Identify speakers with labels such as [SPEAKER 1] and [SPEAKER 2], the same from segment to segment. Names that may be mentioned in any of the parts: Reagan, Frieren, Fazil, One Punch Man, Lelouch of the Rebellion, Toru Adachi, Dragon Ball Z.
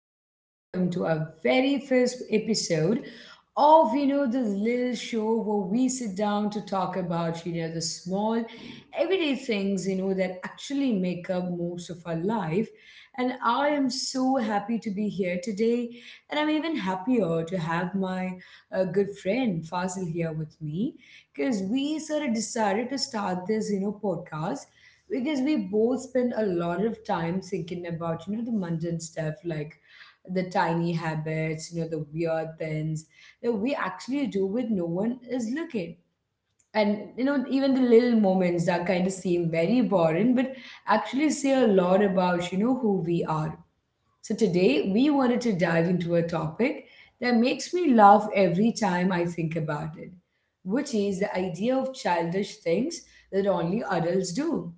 [SPEAKER 1] and welcome to our very first episode of this little show where we sit down to talk about the small everyday things that actually make up most of our life. And I am so happy to be here today, and I'm even happier to have my good friend Fazil here with me because we sort of decided to start this podcast because we both spend a lot of time thinking about the mundane stuff like the tiny habits, the weird things that we actually do when no one is looking, and even the little moments that kind of seem very boring but actually say a lot about who we are. So today we wanted to dive into a topic that makes me laugh every time I think about it, which is the idea of childish things that only adults do.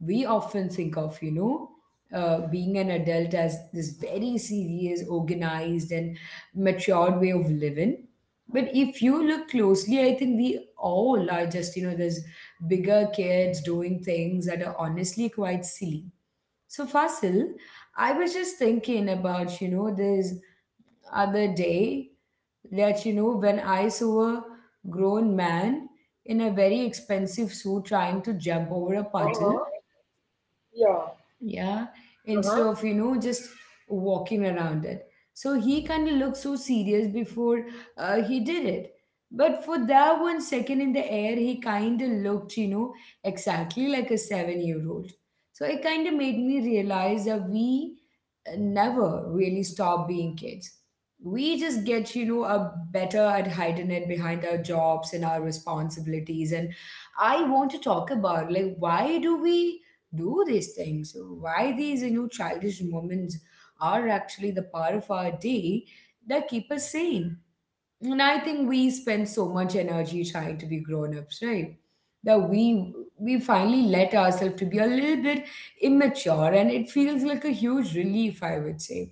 [SPEAKER 1] We often think of being an adult as this very serious, organized and matured way of living, but if you look closely, I think we all are just, there's bigger kids doing things that are honestly quite silly. So Fasil, I was just thinking about this other day that, when I saw a grown man in a very expensive suit trying to jump over a puddle,
[SPEAKER 2] Uh-huh. Yeah.
[SPEAKER 1] yeah, instead
[SPEAKER 2] Uh-huh.
[SPEAKER 1] of just walking around it. So he kind of looked so serious before he did it, but for that 1 second in the air he kind of looked, exactly like a 7-year-old old. So it kind of made me realize that we never really stop being kids. We just get, a better at hiding it behind our jobs and our responsibilities. And I want to talk about like why do we do these things, why these childish moments are actually the part of our day that keep us sane. And I think we spend so much energy trying to be grown-ups, right, that we finally let ourselves to be a little bit immature, and it feels like a huge relief, I would say.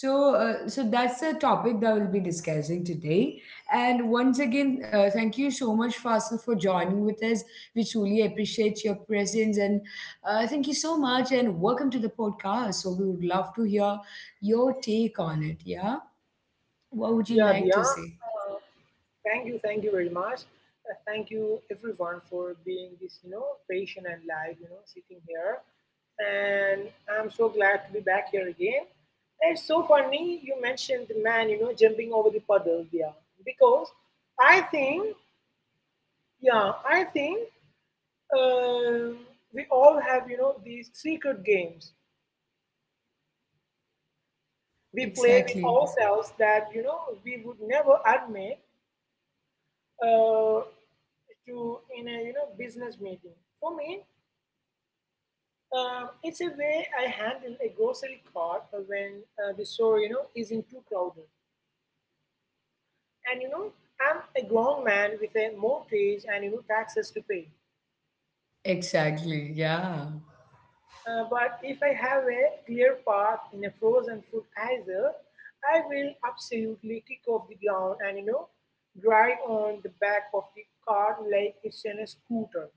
[SPEAKER 1] So so that's the topic that we'll be discussing today. And once again, thank you so much Fasil for joining with us. We truly appreciate your presence, and thank you so much and welcome to the podcast. So we would love to hear your take on it, yeah. What would you
[SPEAKER 2] Yeah,
[SPEAKER 1] like
[SPEAKER 2] Dia.
[SPEAKER 1] to say?
[SPEAKER 2] Thank you. Thank you very much. Thank you everyone for being this, patient and live, sitting here. And I'm so glad to be back here again. And it's so funny you mentioned the man, jumping over the puddle, Dia. Because I think, yeah, I think um, we all have, these secret games we play with
[SPEAKER 1] Exactly.
[SPEAKER 2] ourselves that, we would never admit uh, to in a business meeting. For me, it's a way I handle a grocery cart when the store is in too crowded, and I'm a grown man with a mortgage and taxes to pay.
[SPEAKER 1] Exactly. Yeah.
[SPEAKER 2] But if I have a clear path in a frozen food aisle, I will absolutely kick off the ground and drive on the back of the cart like it's in a scooter.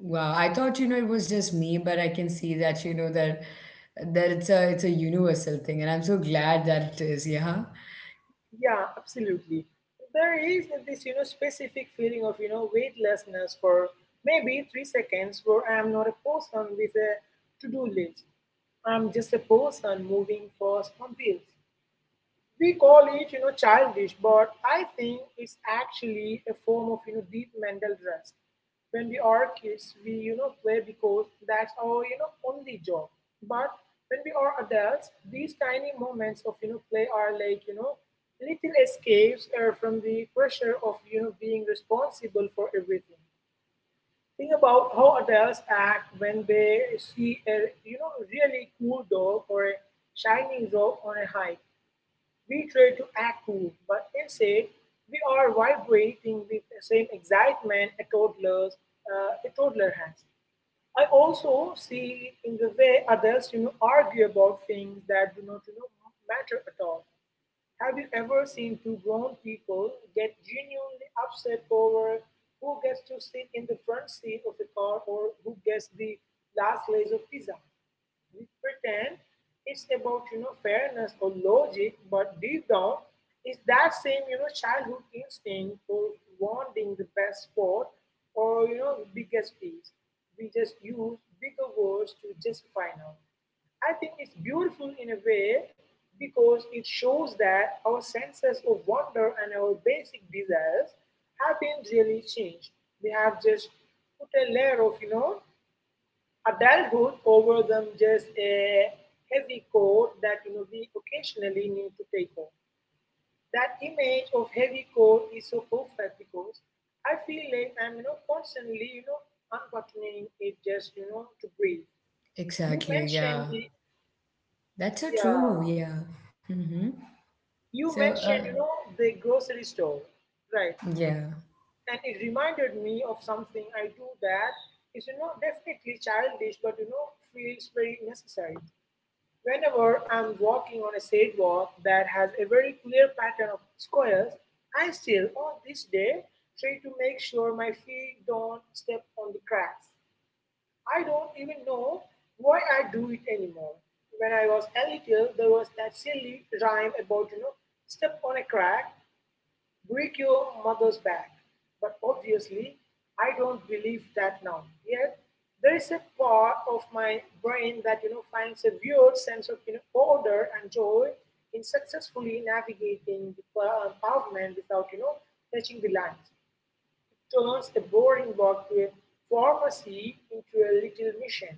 [SPEAKER 1] Wow, I thought, it was just me, but I can see that, that it's a universal thing, and I'm so glad that it is. Yeah.
[SPEAKER 2] Yeah, absolutely. There is this, specific feeling of, weightlessness for maybe 3 seconds where I am not a person with a to-do list. I'm just a person moving fast on wheels. We call it, childish, but I think it's actually a form of, deep mental rest. When we are kids, we, play because that's our, only job. But when we are adults, these tiny moments of, play are like, little escapes from the pressure of, being responsible for everything. Think about how adults act when they see a, really cool dog or a shiny rock on a hike. We try to act cool, but instead we are vibrating with the same excitement a toddler has. I also see in the way adults argue about things that do not matter at all. Have you ever seen two grown people get genuinely upset over who gets to sit in the front seat of a car or who gets the last slice of pizza? We pretend it's about fairness or logic, but deep down, it's that same childhood instinct for wanting the best sport or biggest piece. We just use bigger words to justify now. I think it's beautiful in a way because it shows that our senses of wonder and our basic desires have been really changed. We have just put a layer of, adulthood over them, just a heavy coat that we occasionally need to take off. That image of heavy coat is so perfect because I feel like I'm constantly unbuttoning it just to breathe. You
[SPEAKER 1] Exactly.
[SPEAKER 2] mentioned
[SPEAKER 1] Yeah.
[SPEAKER 2] the
[SPEAKER 1] That's so
[SPEAKER 2] yeah
[SPEAKER 1] true. Yeah. Mm-hmm. So,
[SPEAKER 2] you mentioned the grocery store, right,
[SPEAKER 1] yeah.
[SPEAKER 2] and it reminded me of something I do that is definitely childish but feels very necessary. Whenever I'm walking on a sidewalk that has a very clear pattern of squares, I still, on this day, try to make sure my feet don't step on the cracks. I don't even know why I do it anymore. When I was a little, there was that silly rhyme about, step on a crack, break your mother's back. But obviously, I don't believe that now. Yet, there is a part of my brain that finds a weird sense of, you know, order and joy in successfully navigating the pavement without touching the lines. Turns a boring walk to a pharmacy into a little mission.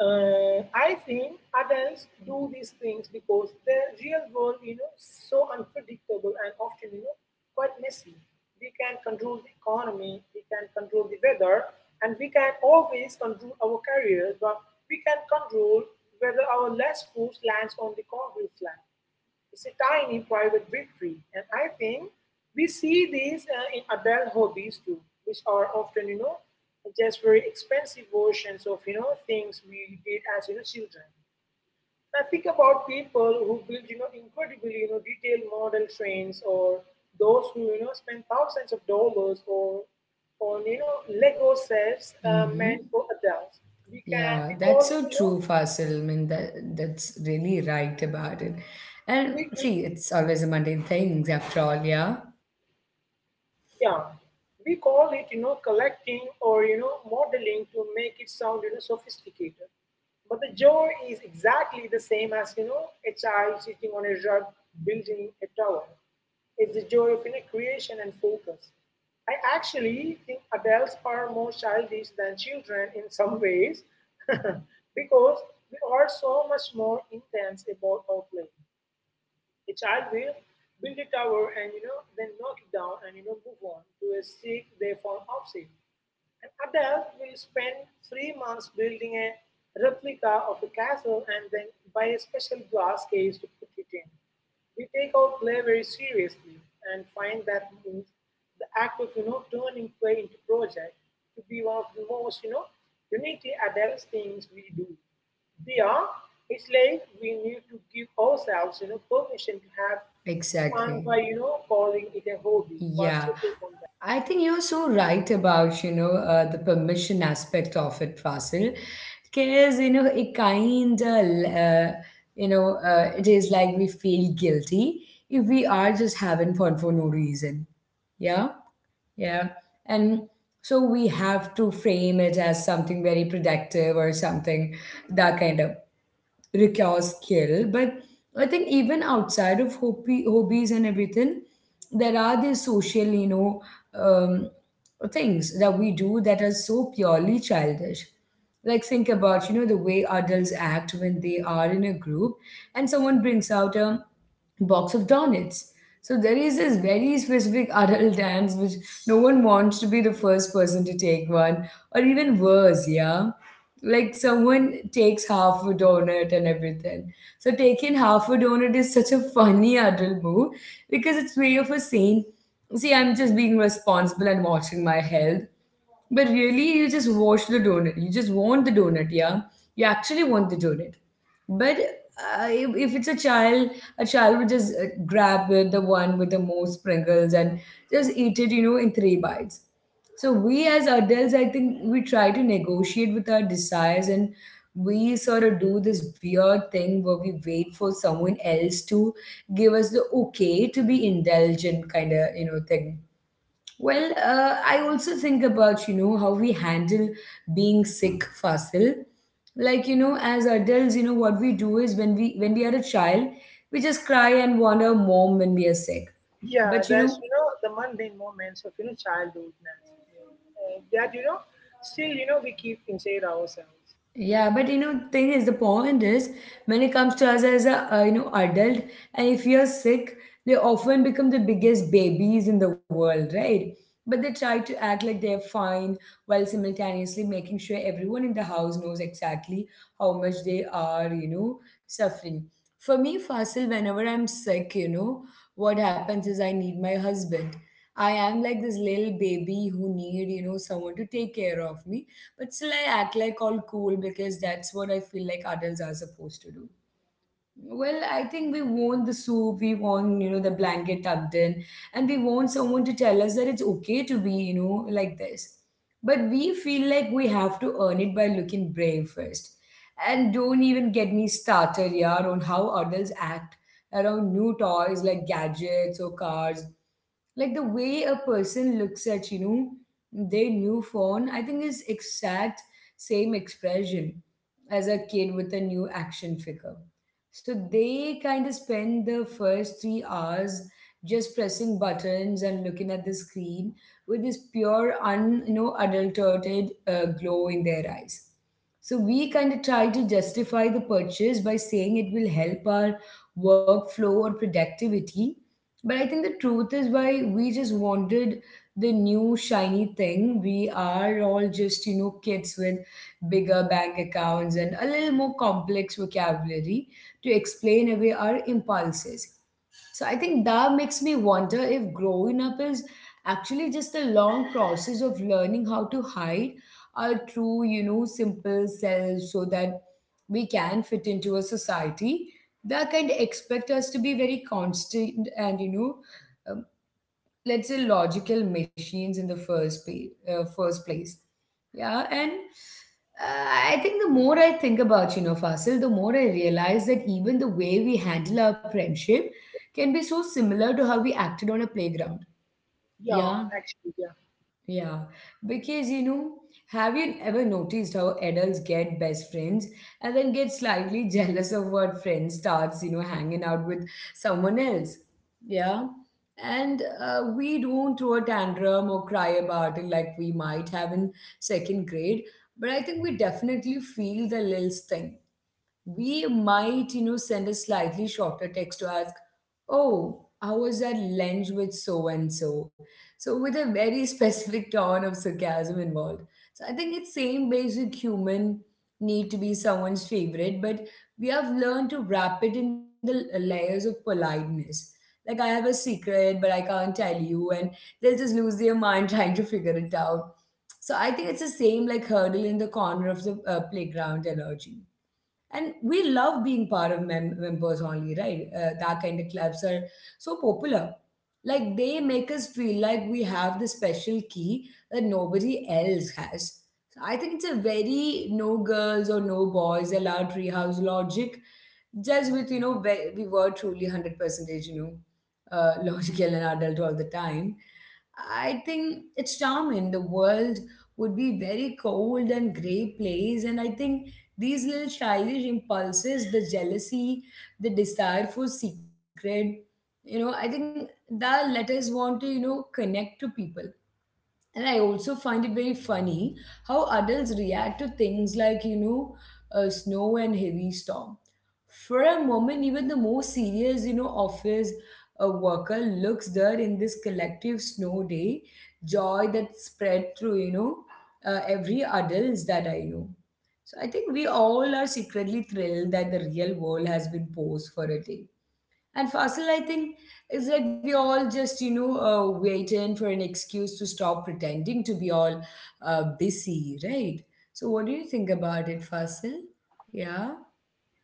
[SPEAKER 2] I think adults do these things because the real world, is so unpredictable and often, quite messy. We can control the economy, we can control the weather, and we can always control our careers, but we can control whether our last food lands on the concrete slab. It's a tiny private victory, and I think we see this in adult hobbies too, which are often, just very expensive versions of, things we did as, children. I think about people who build, incredibly, detailed model trains or those who, spend thousands of dollars or on, Lego sets
[SPEAKER 1] Mm-hmm.
[SPEAKER 2] meant for adults. We can,
[SPEAKER 1] Yeah.
[SPEAKER 2] we call
[SPEAKER 1] That's
[SPEAKER 2] it,
[SPEAKER 1] so
[SPEAKER 2] you know,
[SPEAKER 1] true, Fasil. I mean, that's really right about it. And
[SPEAKER 2] big.
[SPEAKER 1] see, it's always a mundane things after all. Yeah.
[SPEAKER 2] Yeah, we call it, collecting or, modeling to make it sound, sophisticated. But the joy is exactly the same as, a child sitting on a rug building a tower. It's the joy of, creation and focus. I actually think adults are more childish than children in some ways because we are so much more intense about our play. A child will build a tower and then knock it down and move on to a stick they fall off it. An adult will spend 3 months building a replica of a castle and then buy a special glass case to put it in. We take our play very seriously and find that move, the act of turning play into project, to be one of the most uniquely adult things we do. Beyond, it's like we need to give ourselves permission to have fun
[SPEAKER 1] Exactly.
[SPEAKER 2] by calling it a hobby. What's
[SPEAKER 1] Yeah,
[SPEAKER 2] your take on that?
[SPEAKER 1] I think you're so right about, the permission aspect of it, Fasil, because, it kind of, it is like we feel guilty if we are just having fun for no reason. Yeah, yeah. And so we have to frame it as something very productive, or something that kind of require skill. But I think even outside of hobbies and everything, there are these social, um, things that we do that are so purely childish. Like think about, the way adults act when they are in a group and someone brings out a box of donuts. So there is this very specific adult dance, which no one wants to be the first person to take one, or even worse, yeah. Like someone takes half a donut and everything. So taking half a donut is such a funny adult move because it's way of a saying, see, I'm just being responsible and watching my health. But really, you just watch the donut. You just want the donut, yeah? You actually want the donut. But if it's a child would just grab it, the one with the most sprinkles and just eat it, in three bites. So we as adults, I think we try to negotiate with our desires, and we sort of do this weird thing where we wait for someone else to give us the okay to be indulgent kind of, thing. Well, I also think about, how we handle being sick, Fasil. Like, as adults, what we do is, when we are a child, we just cry and want our mom when we are sick.
[SPEAKER 2] Yeah,
[SPEAKER 1] But,
[SPEAKER 2] that's the mundane moments of childhoodness that still we keep inside ourselves.
[SPEAKER 1] yeah, but, thing is, the point is, when it comes to us as a, adult, and if you're sick, they often become the biggest babies in the world, right? But they try to act like they're fine while simultaneously making sure everyone in the house knows exactly how much they are, suffering. For me, Fasil, whenever I'm sick, what happens is I need my husband. I am like this little baby who need, someone to take care of me, but still, I act like all cool because that's what I feel like adults are supposed to do. Well, I think we want the soup, we want, the blanket tucked in, and we want someone to tell us that it's okay to be, like this. But we feel like we have to earn it by looking brave first. And don't even get me started, yeah, on how adults act around new toys like gadgets or cars. Like the way a person looks at, their new phone, I think is exact same expression as a kid with a new action figure. So they kind of spend the first 3 hours just pressing buttons and looking at the screen with this pure, adulterated glow in their eyes. So we kind of try to justify the purchase by saying it will help our workflow or productivity. But I think the truth is why we just wanted the new shiny thing. We are all just, kids with bigger bank accounts and a little more complex vocabulary to explain away our impulses. So I think that makes me wonder if growing up is actually just a long process of learning how to hide our true, simple selves so that we can fit into a society that kind of expect us to be very constant and, let's say logical machines in the first place. Yeah. And uh, I think the more I think about, Fasil, the more I realize that even the way we handle our friendship can be so similar to how we acted on a playground.
[SPEAKER 2] Yeah,
[SPEAKER 1] Yeah,
[SPEAKER 2] actually, yeah,
[SPEAKER 1] yeah, because, have you ever noticed how adults get best friends and then get slightly jealous of what friend starts, hanging out with someone else? Yeah. And we don't throw a tantrum or cry about it like we might have in second grade, but I think we definitely feel the little sting. We might, send a slightly shorter text to ask, oh, how was that lunch with so and so? So with a very specific tone of sarcasm involved. So I think it's same basic human need to be someone's favorite, but we have learned to wrap it in the layers of politeness. Like I have a secret, but I can't tell you, and they'll just lose their mind trying to figure it out. So I think it's the same like hurdle in the corner of the playground energy, and we love being part of members only, right, that kind of clubs are so popular. Like they make us feel like we have the special key that nobody else has. So I think it's a very no girls or no boys allowed treehouse logic, just with, we were truly 100 percentage, logical and adult all the time. I think it's charming. The world would be very cold and grey place, and I think these little childish impulses, the jealousy, the desire for secret, I think that let us want to, connect to people. And I also find it very funny how adults react to things like, snow and heavy storm. For a moment, even the most serious, office worker looks there in this collective snow day, joy that spread through, every adults that I know. So I think we all are secretly thrilled that the real world has been posed for a day. And Fasil, I think it's like we all just, waiting for an excuse to stop pretending to be all busy, right? So, what do you think about it, Fasil? Yeah,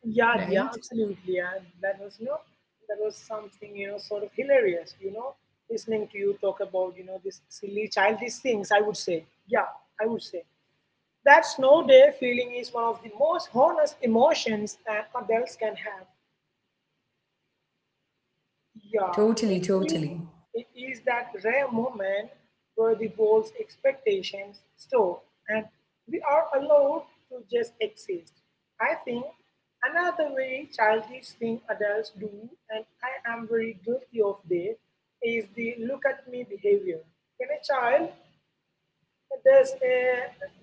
[SPEAKER 2] yeah, yeah,
[SPEAKER 1] right?
[SPEAKER 2] absolutely. Yeah, that was something sort of hilarious. Listening to you talk about these silly childish things. I would say, yeah, I would say that snow day feeling is one of the most honest emotions that adults can have. Yeah,
[SPEAKER 1] Totally,
[SPEAKER 2] it is,
[SPEAKER 1] totally.
[SPEAKER 2] it is that rare moment where the world's expectations stop and we are allowed to just exist. I think another very childish thing adults do, and I am very guilty of this, is the look at me behavior. When a child does a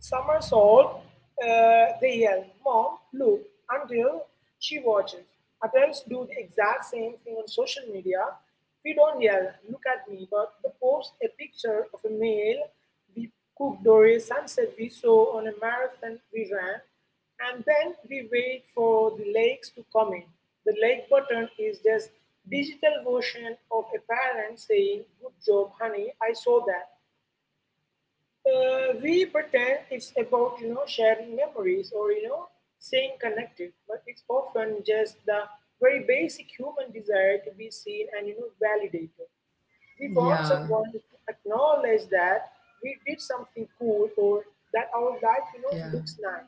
[SPEAKER 2] somersault, they yell, Mom, look, until she watches. Adults do the exact same thing on social media. We don't yell, look at me, but we post a picture of a meal we cooked or a sunset we saw on a marathon we ran, and then we wait for the likes to come in. The like button is just digital version of a parent saying, Good job, honey, I saw that. We pretend it's about sharing memories or staying connected, but it's often just the very basic human desire to be seen and validated. We want
[SPEAKER 1] Yeah,
[SPEAKER 2] someone to acknowledge that we did something cool or that our life
[SPEAKER 1] yeah.
[SPEAKER 2] looks nice.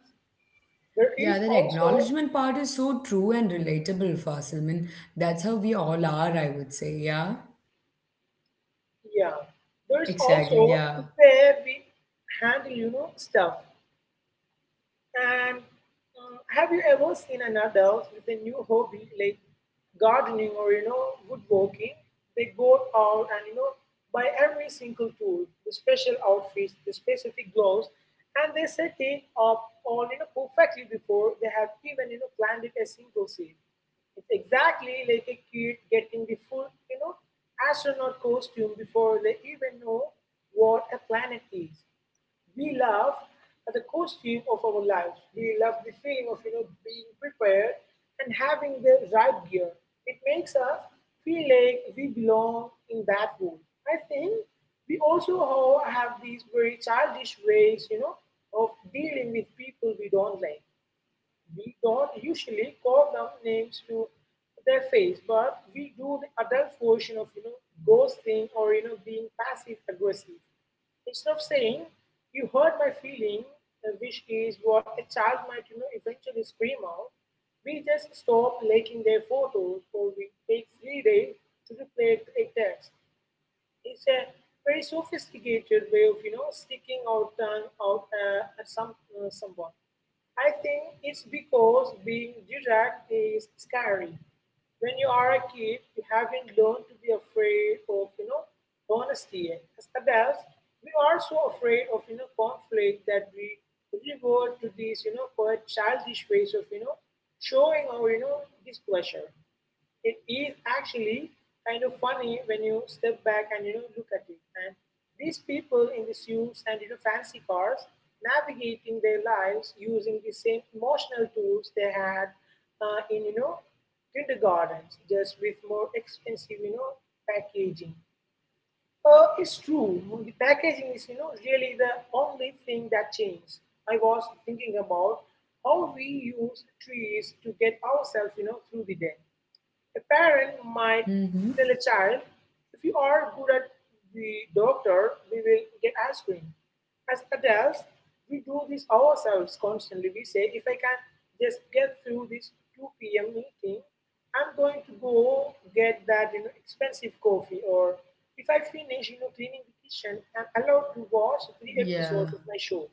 [SPEAKER 2] There
[SPEAKER 1] Yeah,
[SPEAKER 2] is
[SPEAKER 1] that
[SPEAKER 2] also
[SPEAKER 1] acknowledgement part is so true and relatable, Fasil. I mean, that's how we all are, I would say. Yeah,
[SPEAKER 2] yeah, there is
[SPEAKER 1] exactly.
[SPEAKER 2] also
[SPEAKER 1] Yeah.
[SPEAKER 2] the way we handle stuff. And have you ever seen an adult with a new hobby like gardening or woodworking? They go out and buy every single tool, the special outfits, the specific gloves, and they set it up all perfectly before they have even planted a single seed. It's exactly like a kid getting the full astronaut costume before they even know what a planet is. We laugh at the costume of our lives. We love the feeling of being prepared and having the right gear. It makes us feel like we belong in that room. I think we also have these very childish ways, of dealing with people we don't like. We don't usually call them names to their face, but we do the adult version of ghosting or being passive aggressive. Instead of saying "you hurt my feeling," which is what a child might eventually scream out, we just stop liking their photos or we take 3 days to reply a text. It's a very sophisticated way of sticking our tongue out at someone. I think it's because being direct is scary. When you are a kid, you haven't learned to be afraid of, honesty. As adults, we are so afraid of, conflict that we revert to these, quite childish ways of, showing our, displeasure. It is actually kind of funny when you step back and look at it. And these people in the suits and fancy cars navigating their lives using the same emotional tools they had in kindergartens, just with more expensive packaging. It's true. The packaging is really the only thing that changed. I was thinking about how we use trees to get ourselves through the day. A parent might
[SPEAKER 1] Mm-hmm.
[SPEAKER 2] tell a child, if you are good at the doctor, we will get ice cream. As adults, we do this ourselves constantly. We say, if I can just get through this 2 p.m. meeting, I'm going to go get that expensive coffee. Or if I finish cleaning the kitchen, I'm allowed to watch three
[SPEAKER 1] Yeah.
[SPEAKER 2] episodes of my show.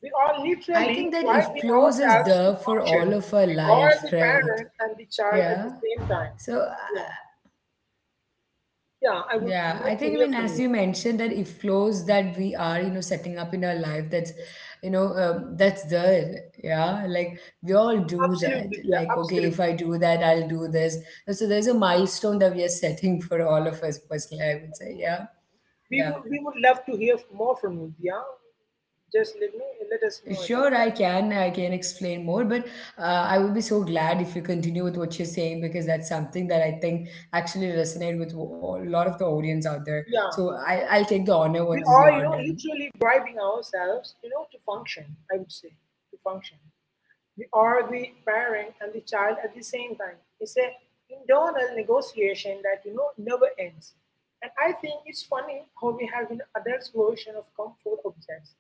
[SPEAKER 2] We are
[SPEAKER 1] I think
[SPEAKER 2] literally
[SPEAKER 1] that if
[SPEAKER 2] driving
[SPEAKER 1] close is
[SPEAKER 2] ourselves to
[SPEAKER 1] there for
[SPEAKER 2] function.
[SPEAKER 1] all of our
[SPEAKER 2] We are
[SPEAKER 1] life,
[SPEAKER 2] the
[SPEAKER 1] right?
[SPEAKER 2] parent and the child at
[SPEAKER 1] Yeah.
[SPEAKER 2] the same time.
[SPEAKER 1] So,
[SPEAKER 2] Yeah, yeah, I would
[SPEAKER 1] yeah, I
[SPEAKER 2] love to
[SPEAKER 1] think, I
[SPEAKER 2] hear
[SPEAKER 1] mean,
[SPEAKER 2] from
[SPEAKER 1] as
[SPEAKER 2] you.
[SPEAKER 1] you mentioned, that if close that we are, setting up in our life, that's there. Yeah. Like we all do that.
[SPEAKER 2] Absolutely, yeah,
[SPEAKER 1] Like, okay,
[SPEAKER 2] absolutely.
[SPEAKER 1] if I do that, I'll do this. So, there's a milestone that we are setting for all of us personally, I would say. Yeah.
[SPEAKER 2] We
[SPEAKER 1] Yeah.
[SPEAKER 2] would we would love to hear more from you, yeah. Just let us know about
[SPEAKER 1] Sure, I
[SPEAKER 2] that.
[SPEAKER 1] can. I can explain more, but I would be so glad if you continue with what you're saying because that's something that I think actually resonate with a lot of the audience out there.
[SPEAKER 2] Yeah,
[SPEAKER 1] So I'll take the honor
[SPEAKER 2] we
[SPEAKER 1] once
[SPEAKER 2] are
[SPEAKER 1] you're done.
[SPEAKER 2] literally bribing ourselves to function. I would say to function. We are the parent and the child at the same time. It's a internal negotiation that never ends. And I think it's funny how we have an adult's version of comfort objects.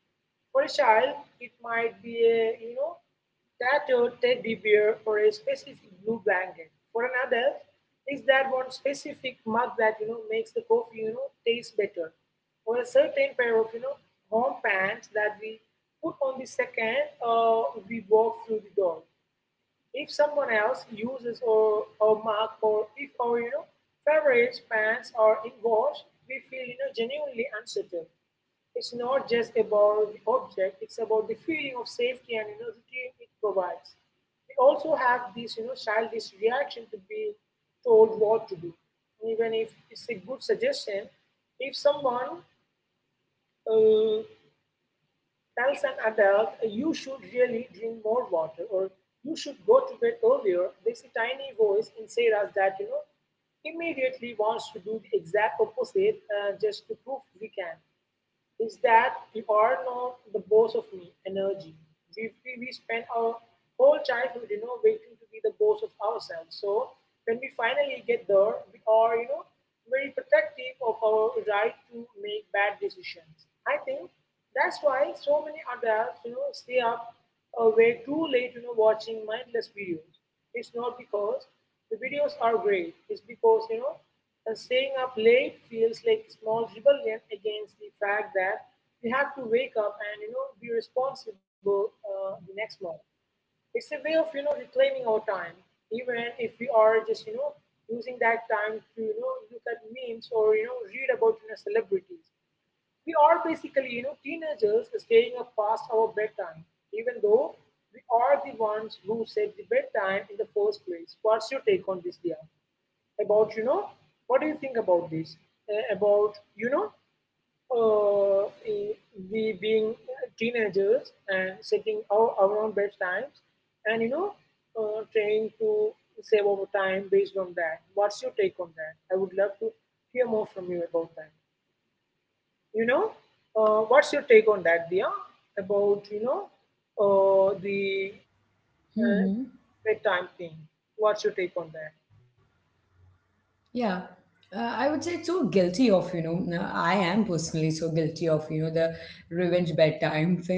[SPEAKER 2] For a child, it might be a tattooed teddy bear or a specific blue blanket. For an adult, it's that one specific mug that makes the coffee taste better, or a certain pair of home pants that we put on the second we walk through the door. If someone else uses or a mug, or if our favorite pants are in wash, we feel genuinely uncertain. It's not just about the object, it's about the feeling of safety and routine it provides. We also have this childish reaction to be told what to do. Even if it's a good suggestion, if someone uh, tells an adult, you should really drink more water or you should go to bed earlier, there's a tiny voice inside us that, immediately wants to do the exact opposite just to prove we can is that we are not the boss of me energy. We spend our whole childhood, waiting to be the boss of ourselves. So when we finally get there, we are, very protective of our right to make bad decisions. I think that's why so many adults, stay up way too late, watching mindless videos. It's not because the videos are great. It's because, staying up late feels like a small rebellion against the fact that we have to wake up and be responsible the next morning. It's a way of reclaiming our time, even if we are just using that time to look at memes or read about celebrities. We are basically teenagers staying up past our bedtime, even though we are the ones who set the bedtime in the first place. What's your take on this, Dia? About what do you think about this? About you know uh, eh, we being teenagers and setting our own bedtimes and trying to save our time based on that, what's your take on that? I would love to hear more from you about that, you know what's your take on that, Dia? About the uh,
[SPEAKER 1] Hmm.
[SPEAKER 2] bedtime thing. What's your take on
[SPEAKER 1] Yeah,
[SPEAKER 2] that?
[SPEAKER 1] I would say it's so guilty of, I am personally so guilty of, the revenge bedtime thing. And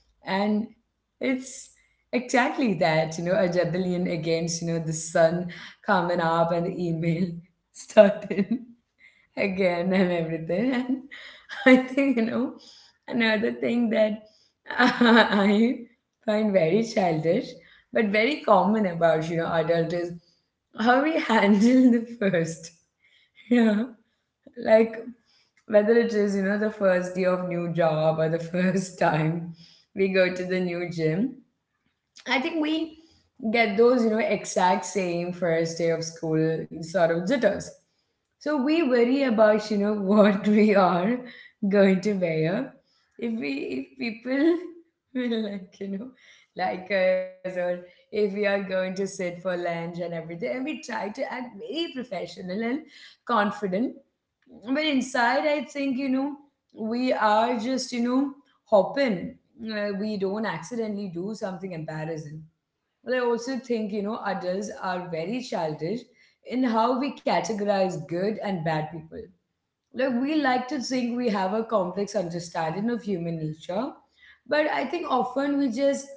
[SPEAKER 1] it's exactly that, a rebellion against, the sun coming up and the email starting again I'm everything. And I think, another thing that I find very childish but very common about, adult is how we handle the first. Yeah. Like whether it is, the first day of new job or the first time we go to the new gym. I think we get those, exact same first day of school sort of jitters. So we worry about, what we are going to wear. If people will like, like us or if we are going to sit for lunch and everything. And we try to act very professional and confident but inside I think we are just hopping. We don't accidentally do something embarrassing but I also think adults are very childish in how we categorize good and bad people. Like we like to think we have a complex understanding of human nature but I think often we just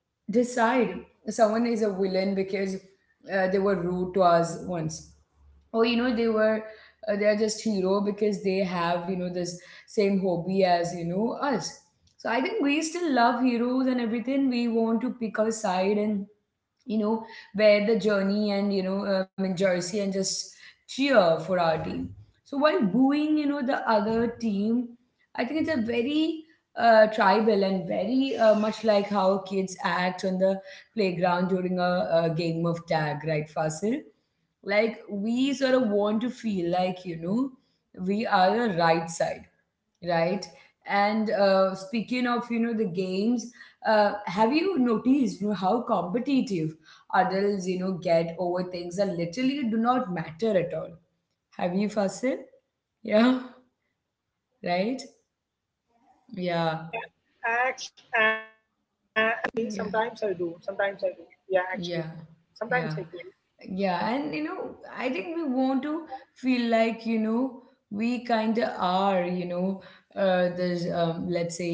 [SPEAKER 1] decide someone is a villain because they were rude to us once or they are just hero because they have this same hobby as us. So I think we still love heroes and everything. We want to pick a side and you know, wear the journey and, you know, in jersey and just cheer for our team. So while booing, the other team, I think it's a very tribal and very much like how kids act on the playground during a game of tag, right, Fasil? Like we sort of want to feel like, we are the right side, right? And speaking of the games, have you noticed how competitive adults get over things that literally do not matter at all? Have you, Fasil? Yeah. Right. Yeah.
[SPEAKER 2] Actually, sometimes I
[SPEAKER 1] Yeah.
[SPEAKER 2] do. Sometimes I do. Yeah, actually,
[SPEAKER 1] Yeah.
[SPEAKER 2] sometimes I do.
[SPEAKER 1] Yeah. Yeah, and you know, I think we want to feel like, we kind of are, let's say,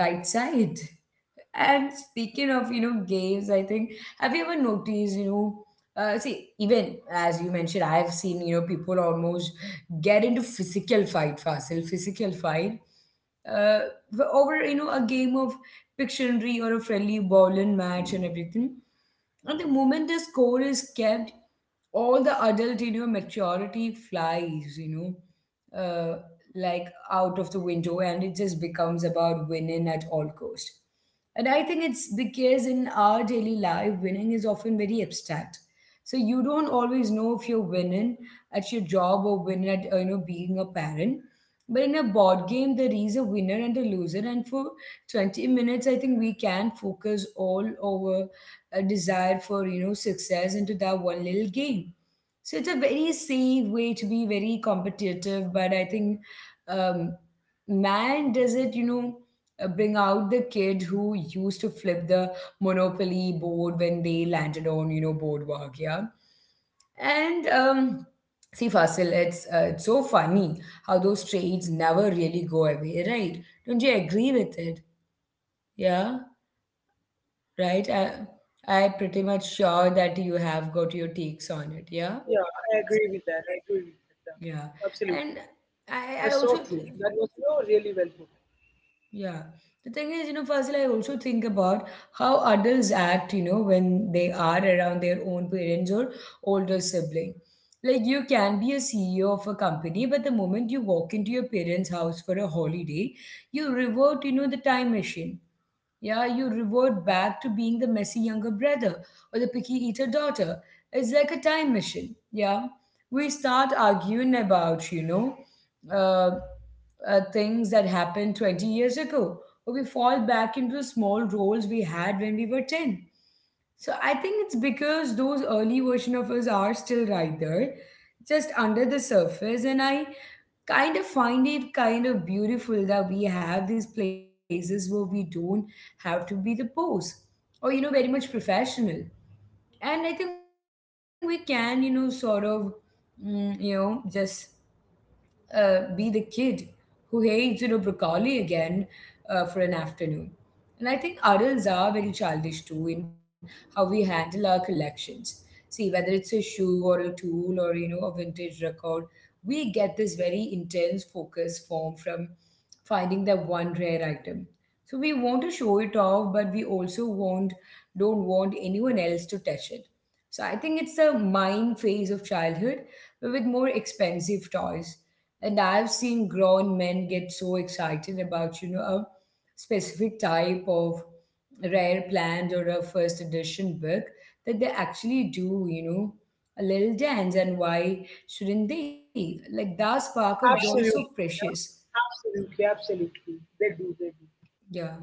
[SPEAKER 1] right side. And speaking of, games, I think, have you ever noticed, see, even as you mentioned, I've seen, people almost get into physical fight, Fasil, physical fight uh, over, a game of Pictionary or a friendly bowling match and everything. And the moment the score is kept, all the adult in your maturity flies, like out of the window, and it just becomes about winning at all cost. And I think it's because in our daily life, winning is often very abstract. So you don't always know if you're winning at your job or winning at being a parent. But in a board game, there is a winner and a loser, and for 20 minutes I think we can focus all our desire for success into that one little game. So it's a very safe way to be very competitive, but I think um, man, does it bring out the kid who used to flip the monopoly board when they landed on boardwalk? Yeah. And see, Fasil, it's so funny how those traits never really go away, right? Don't you agree with it? Yeah, right. I pretty much sure that you have got your takes on it. Yeah,
[SPEAKER 2] Yeah, I agree with that. I agree with that.
[SPEAKER 1] yeah.
[SPEAKER 2] Yeah. Absolutely,
[SPEAKER 1] And I
[SPEAKER 2] that's
[SPEAKER 1] also,
[SPEAKER 2] so true. That was, really well put.
[SPEAKER 1] yeah. The thing is, you know, Fazil, I also think about how adults act, when they are around their own parents or older sibling. Like you can be a CEO of a company, but the moment you walk into your parents' house for a holiday, you revert, the time machine. Yeah, you revert back to being the messy younger brother or the picky eater daughter. It's like a time machine. Yeah. We start arguing about, uh, things that happened 20 years ago, or we fall back into the small roles we had when we were 10. So I think it's because those early version of us are still right there, just under the surface. And I kind of find it kind of beautiful that we have these places where we don't have to be the pose or very much professional. And I think we can just be the kid who hates, broccoli again for an afternoon. And I think adults are very childish too in how we handle our collections. See, whether it's a shoe or a tool or, a vintage record, we get this very intense focus form from finding that one rare item. So we want to show it off, but we also want don't want anyone else to touch it. So I think it's a mine phase of childhood, but with more expensive toys. And I've seen grown men get so excited about, a specific type of rare plant or a first edition book that they actually do, a little dance. And why shouldn't they? Like that spark of joy is so
[SPEAKER 2] Absolutely,
[SPEAKER 1] precious.
[SPEAKER 2] absolutely, absolutely. They do. They do.
[SPEAKER 1] Yeah.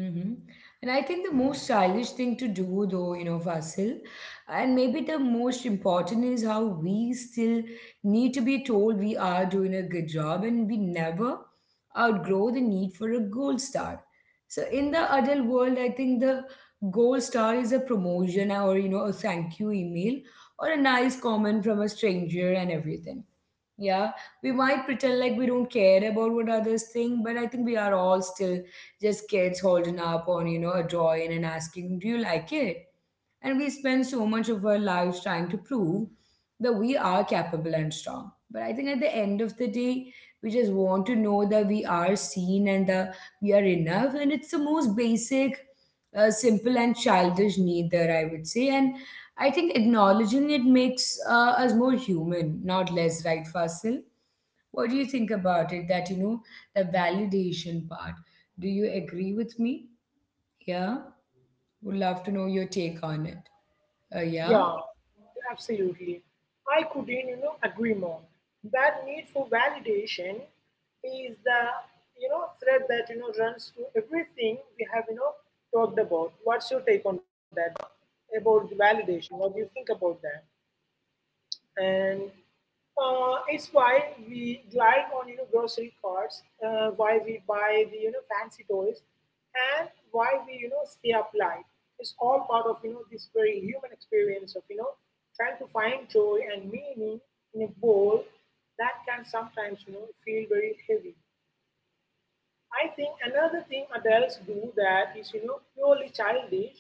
[SPEAKER 1] Mm-hmm. And I think the most childish thing to do, though, Vasil, and maybe the most important, is how we still need to be told we are doing a good job, and we never outgrow the need for a gold star. So, in the adult world, I think the gold star is a promotion or, a thank you email or a nice comment from a stranger and everything. Yeah, we might pretend like we don't care about what others think, but I think we are all still just kids holding up on, a drawing and asking, "Do you like it?" And we spend so much of our lives trying to prove that we are capable and strong. But I think at the end of the day, we just want to know that we are seen and that we are enough. And it's the most basic, simple, and childish need, that I would say. And I think acknowledging it makes us more human, not less, right, Fasil? What do you think about it? That, the validation part. Do you agree with me? Yeah? Would love to know your take on it. Yeah.
[SPEAKER 2] Yeah, absolutely. I couldn't, agree more. That need for validation is thread that runs through everything we have, talked about. What's your take on that, Dia? About the validation? What do you think about that? And it's why we glide on grocery carts, why we buy the fancy toys, and why we stay up late. It's all part of this very human experience of trying to find joy and meaning in a bowl that can sometimes feel very heavy. I think another thing adults do that is purely childish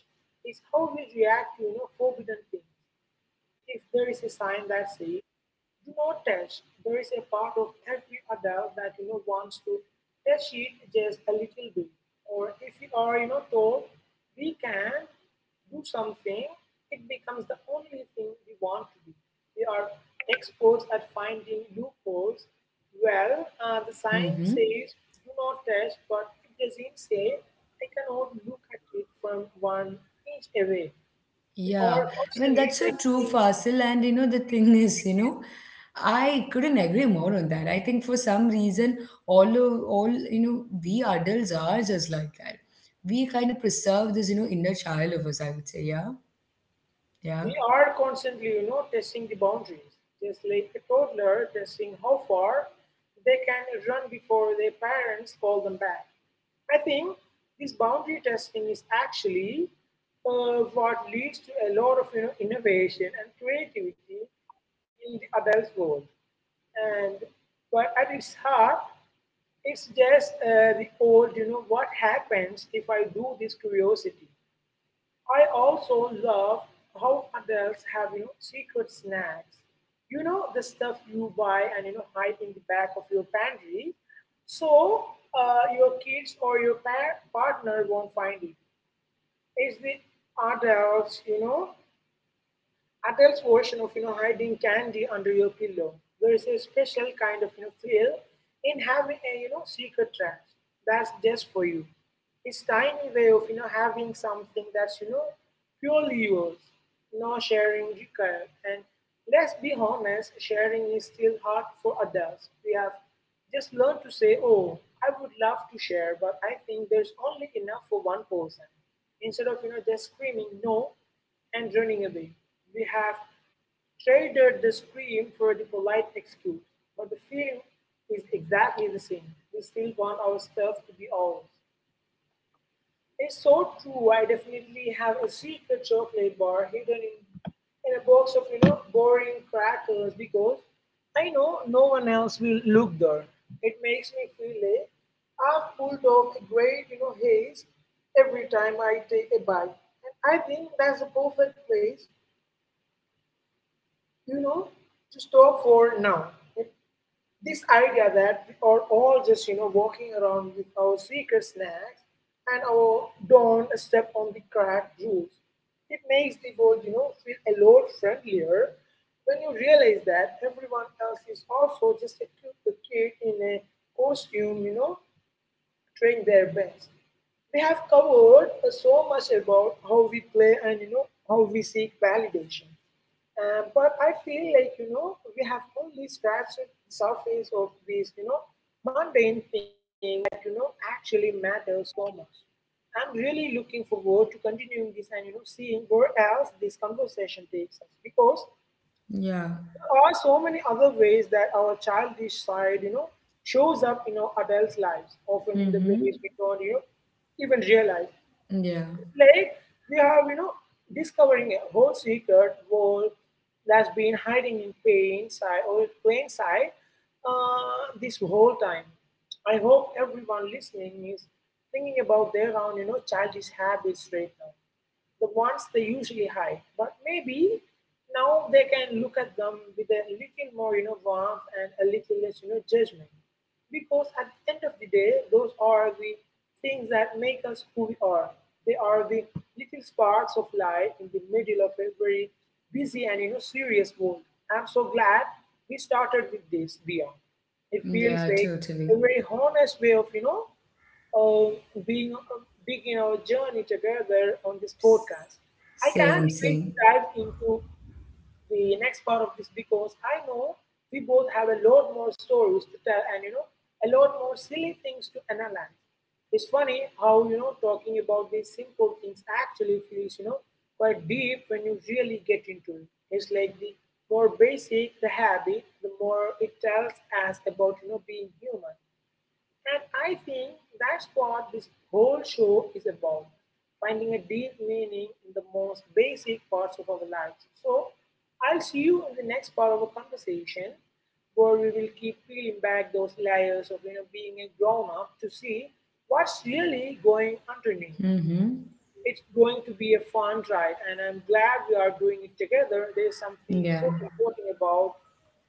[SPEAKER 2] is how we react to forbidden things. If there is a sign that says "Do not touch," there is a part of every adult that wants to touch it just a little bit. Or if we are told we can do something, it becomes the only thing we want to do. We are experts at finding loopholes. Well, the sign
[SPEAKER 1] Mm-hmm.
[SPEAKER 2] says "Do not touch," but it doesn't say I cannot look at it from one inch away. We
[SPEAKER 1] Yeah.
[SPEAKER 2] are
[SPEAKER 1] I mean,
[SPEAKER 2] constantly
[SPEAKER 1] that's so true,
[SPEAKER 2] testing.
[SPEAKER 1] Fasil. And you know, the thing is, I couldn't agree more on that. I think for some reason, all we adults are just like that. We kind of preserve this, inner child of us. I would say, yeah, yeah,
[SPEAKER 2] We are constantly, testing the boundaries, just like a toddler testing how far they can run before their parents call them back. I think this boundary testing is actually what leads to a lot of, innovation and creativity in the adult world. And but at its heart, it's just the old, what happens if I do this curiosity? I also love how adults have secret snacks. You know the stuff you buy and hide in the back of your pantry, so your kids or your partner won't find it. It's the adults, you know, adults version of hiding candy under your pillow. There is a special kind of thrill in having a secret trash that's just for you. It's tiny way of having something that's purely yours, no sharing required. And let's be honest, sharing is still hard for adults. We have just learned to say, oh, I would love to share, but I think there's only enough for one person, instead of just screaming no and running away. We have traded the scream for the polite excuse, but the feeling is exactly the same. We still want our stuff to be ours. It's so true. I definitely have a secret chocolate bar hidden in a box of boring crackers because I know no one else will look there. It makes me feel like I've pulled off a great haze every time I take a bite, and I think that's the perfect place, you know, to stop for now. This idea that we are all just, walking around with our secret snacks and our don't step on the crack rules. It makes the world, feel a lot friendlier when you realize that everyone else is also just a cute kid in a costume, trying their best. We have covered so much about how we play and, how we seek validation. But I feel like, we have only scratched the surface of these, mundane things that, actually matter so much. I'm really looking forward to continuing this and, seeing where else this conversation takes us, because
[SPEAKER 1] yeah.
[SPEAKER 2] there are so many other ways that our childish side, shows up in our adults' lives, often in the
[SPEAKER 1] Mm-hmm.
[SPEAKER 2] ways we don't, even realize.
[SPEAKER 1] Yeah.
[SPEAKER 2] It's like we are, discovering a whole secret world that's been hiding in plain sight or in plain sight this whole time. I hope everyone listening is thinking about their own, childish habits right now. The ones they usually hide. But maybe now they can look at them with a little more, warmth and a little less, judgment. Because at the end of the day, those are the things that make us who we are. They are the little sparks of light in the middle of a very busy and serious world. I'm so glad we started with this beyond. It feels
[SPEAKER 1] Yeah.
[SPEAKER 2] like
[SPEAKER 1] Totally.
[SPEAKER 2] a very honest way of of being being our journey together on this podcast. I can't
[SPEAKER 1] Same.
[SPEAKER 2] wait to
[SPEAKER 1] Same.
[SPEAKER 2] dive into the next part of this, because I know we both have a lot more stories to tell and a lot more silly things to analyze. It's funny how talking about these simple things actually feels quite deep when you really get into it. It's like the more basic the habit, the more it tells us about being human. And I think that's what this whole show is about, finding a deep meaning in the most basic parts of our lives. So, I'll see you in the next part of our conversation, where we will keep peeling back those layers of being a grown up to see what's really going underneath.
[SPEAKER 1] Mm-hmm.
[SPEAKER 2] It's going to be a fun ride, and I'm glad we are doing it together. There's something
[SPEAKER 1] Yeah.
[SPEAKER 2] so important about,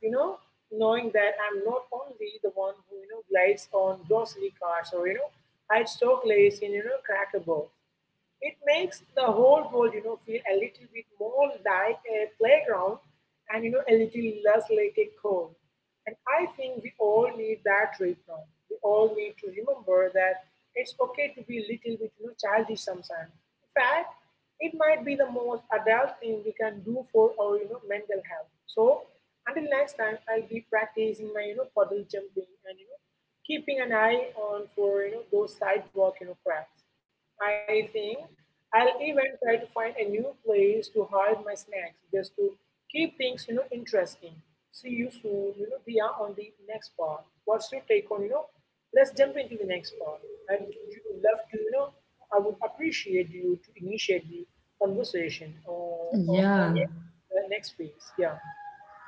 [SPEAKER 2] you know, knowing that I'm not only the one who glides on grocery carts or hides chocolates in cracker box. It makes the whole world, you know, feel a little bit more like a playground and a little less like a home. And I think we all need that right now. We all need to remember that it's okay to be a little bit, you know, childish sometimes. In fact, it might be the most adult thing we can do for our, you know, mental health. So until next time, I'll be practicing my, you know, puddle jumping and keeping an eye on for those sidewalk, you know, cracks. I think I'll even try to find a new place to hide my snacks just to keep things, you know, interesting. See you soon, we are on the next part. What's your take on, you know, let's jump into the next part. I would You would love to, I would appreciate you to initiate the conversation or,
[SPEAKER 1] Yeah.
[SPEAKER 2] yeah, the next phase. Yeah.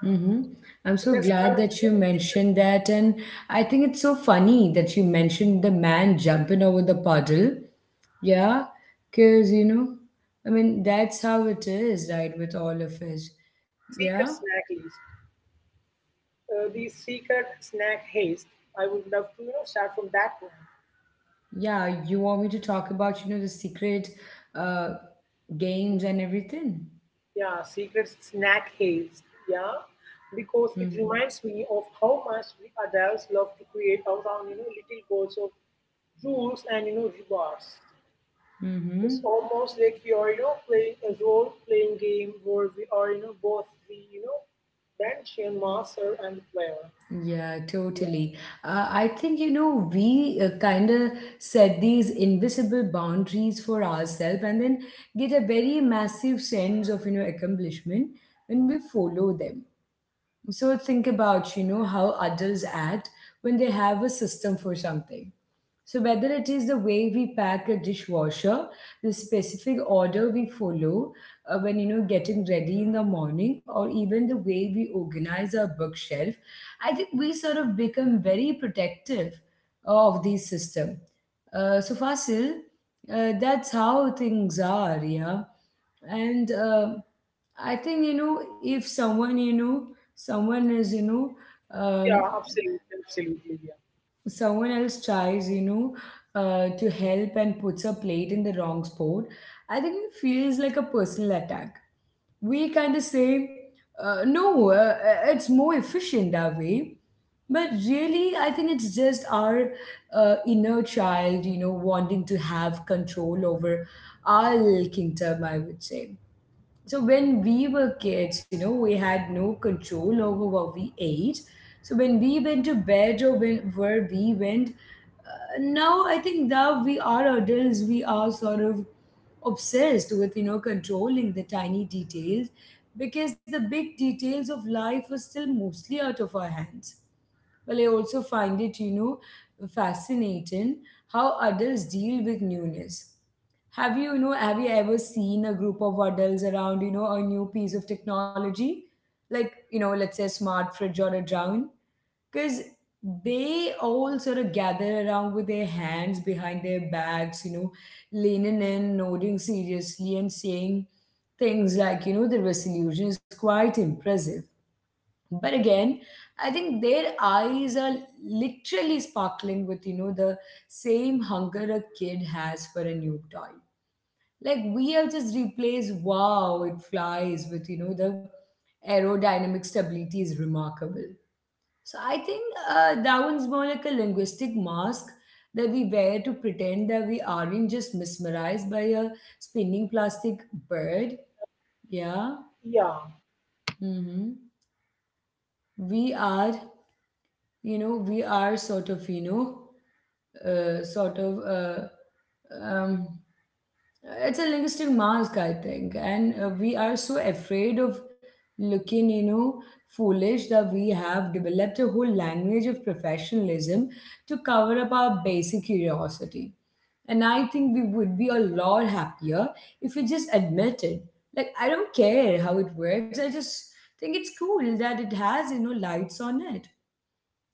[SPEAKER 1] Mm-hmm. I'm so
[SPEAKER 2] Let's
[SPEAKER 1] glad
[SPEAKER 2] start with
[SPEAKER 1] that you
[SPEAKER 2] secret,
[SPEAKER 1] mentioned that. And I think it's so funny that you mentioned the man jumping over the puddle. Yeah, because, I mean, that's how it is, right, with all of us. Yeah,
[SPEAKER 2] secret snack list. The secret snack haste. I would love to, start from that point.
[SPEAKER 1] yeah. You want me to talk about, the secret uh, games and everything?
[SPEAKER 2] Yeah, secret snack haze. Yeah, because it
[SPEAKER 1] Mm-hmm.
[SPEAKER 2] reminds me of how much we adults love to create around little goals of rules and rewards. It's
[SPEAKER 1] Mm-hmm.
[SPEAKER 2] almost like you are playing a role playing game where we are both the dungeon master and the player.
[SPEAKER 1] Yeah,
[SPEAKER 2] Yeah,
[SPEAKER 1] totally. I think, we kind of set these invisible boundaries for ourselves and then get a very massive sense of, accomplishment when we follow them. So think about, how adults act when they have a system for something. So, whether it is the way we pack a dishwasher, the specific order we follow when you know, getting ready in the morning, or even the way we organize our bookshelf, I think we sort of become very protective of these system. So, Fasil, that's how things are, yeah. And I think, you know, if someone you know someone is you know
[SPEAKER 2] yeah,
[SPEAKER 1] um,
[SPEAKER 2] absolutely, absolutely, yeah,
[SPEAKER 1] someone else tries, you know, to help and puts a plate in the wrong spot, I think it feels like a personal attack. We kind of say, no, it's more efficient that way. But really, I think it's just our inner child, you know, wanting to have control over our little kingdom, I would say. So when we were kids, you know, we had no control over what we ate. So when we went to bed or when where we went, now I think that we are adults, we are sort of obsessed with, you know, controlling the tiny details because the big details of life are still mostly out of our hands. Well, I also find it, you know, fascinating how adults deal with newness. Have you ever seen a group of adults around, you know, a new piece of technology, like, you know, let's say a smart fridge or a drone? Because they all sort of gather around with their hands behind their backs, you know, leaning in, nodding seriously, and saying things like, you know, the resolution is quite impressive. But again, I think their eyes are literally sparkling with, you know, the same hunger a kid has for a new toy. Like we have just replaced wow, it flies with, you know, the aerodynamic stability is remarkable. So I think that one's more like a linguistic mask that we wear to pretend that we aren't just mesmerized by a spinning plastic bird. Yeah.
[SPEAKER 2] yeah,
[SPEAKER 1] Hmm. We are, you know, we are sort of, you know, sort of um, it's a linguistic mask, I think, and we are so afraid of looking, you know, foolish that we have developed a whole language of professionalism to cover up our basic curiosity. And I think we would be a lot happier if we just admitted, like, I don't care how it works, I just think it's cool that it has, you know, lights on it.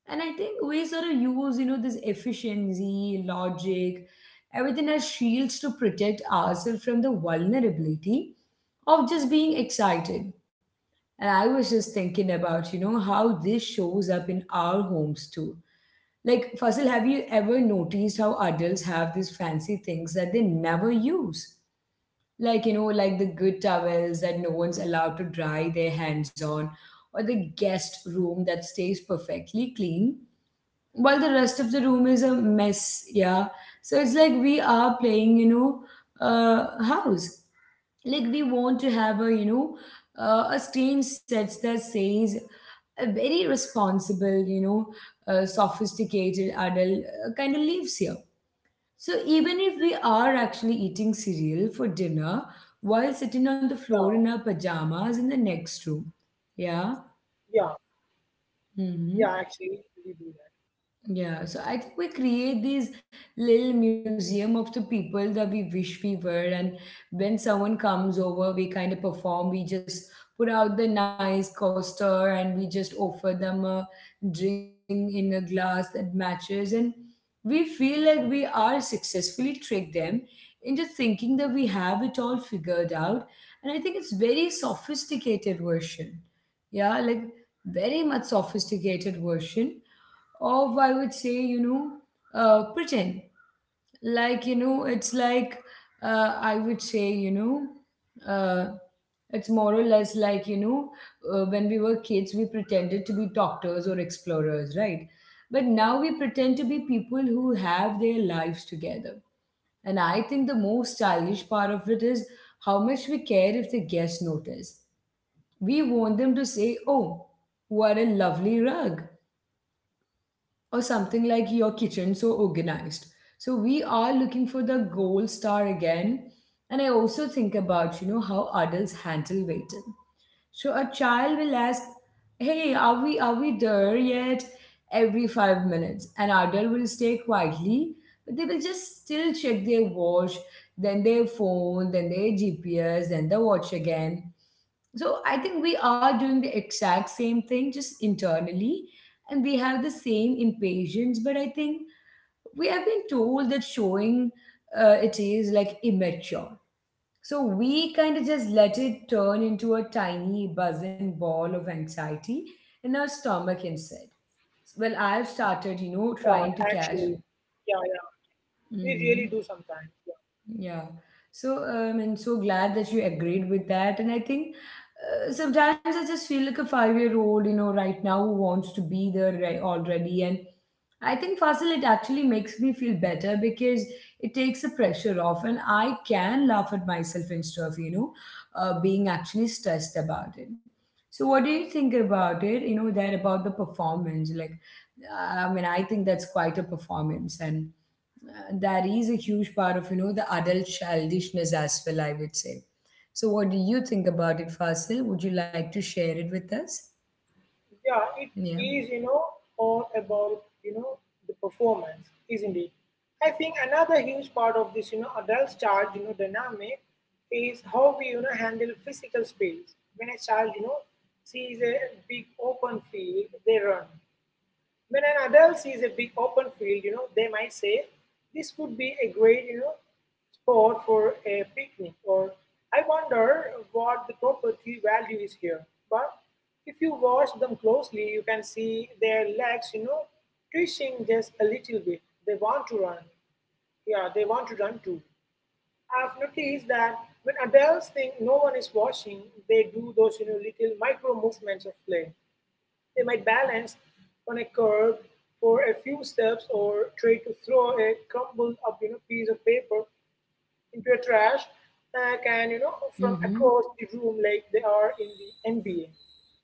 [SPEAKER 1] And I think we sort of use, you know, this efficiency, logic, everything as shields to protect ourselves from the vulnerability of just being excited. And I was just thinking about, you know, how this shows up in our homes too. Like, Fasil, have you ever noticed how adults have these fancy things that they never use? Like, you know, like the good towels that no one's allowed to dry their hands on, or the guest room that stays perfectly clean while the rest of the room is a mess. Yeah, so it's like we are playing, you know, house. Like we want to have a, you know, a stage set that says a very responsible, you know, sophisticated adult kind of lives here. So even if we are actually eating cereal for dinner while
[SPEAKER 2] yeah,
[SPEAKER 1] sitting on the floor in our pajamas in the next room. Yeah.
[SPEAKER 2] yeah, yeah.
[SPEAKER 1] Hmm.
[SPEAKER 2] Actually, we do that.
[SPEAKER 1] Yeah, so I think we create these little museum of the people that we wish we were, and when someone comes over, we kind of perform. We just put out the nice coaster, and we just offer them a drink in a glass that matches, and we feel like we are successfully tricked them into thinking that we have it all figured out. And I think it's very sophisticated version. Yeah, like very much sophisticated version of, I would say, you know, pretend, like, you know, it's like, I would say you know uh, it's more or less like, you know, when we were kids we pretended to be doctors or explorers, right? But now we pretend to be people who have their lives together. And I think the most stylish part of it is how much we care if the guests notice. We want them to say, oh, what a lovely rug, or something like, your kitchen so organized. So we are looking for the gold star again. And I also think about, you know, how adults handle waiting. So a child will ask, hey, are we there yet, every 5 minutes. An adult will stay quietly, but they will just still check their watch, then their phone, then their GPS, then the watch again. So I think we are doing the exact same thing just internally, and we have the same impatience. But I think we have been told that showing it is like immature. So we kind of just let it turn into a tiny buzzing ball of anxiety in our stomach instead. Well, I've
[SPEAKER 2] Yeah,
[SPEAKER 1] started, you know, trying
[SPEAKER 2] actually,
[SPEAKER 1] to catch.
[SPEAKER 2] yeah, yeah. We really do
[SPEAKER 1] Mhm.
[SPEAKER 2] sometimes. Yeah.
[SPEAKER 1] Yeah. So and so glad that you agreed with that. And I think sometimes I just feel like a five-year-old, you know, right now who wants to be there right already. And I think, Fasil, it actually makes me feel better because it takes the pressure off, and I can laugh at myself instead of, you know, being actually stressed about it. So what do you think about it? You know, that about the performance, like. I mean, I think that's quite a performance, and that is a huge part of, you know, the adult childishness as well, I would say. So what do you think about it, Fasil? Would you like to share it with us?
[SPEAKER 2] Yeah, it
[SPEAKER 1] Yeah.
[SPEAKER 2] is, you know, all about, you know, the performance, isn't it? I think another huge part of this, you know, adult child, you know, dynamic is how we, you know, handle physical space. When a child, you know, sees a big open field, they run. When an adult sees a big open field, you know, they might say, this would be a great, you know, spot for a picnic, or I wonder what the property value is here. But if you watch them closely, you can see their legs, you know, twitching just a little bit. They want to run. Yeah, they want to run too. I've noticed that when adults think no one is watching, they do those, you know, little micro movements of play. They might balance on a curb for a few steps or try to throw a crumbled up piece of paper into a trash can from
[SPEAKER 1] Mm-hmm.
[SPEAKER 2] across the room like they are in the NBA.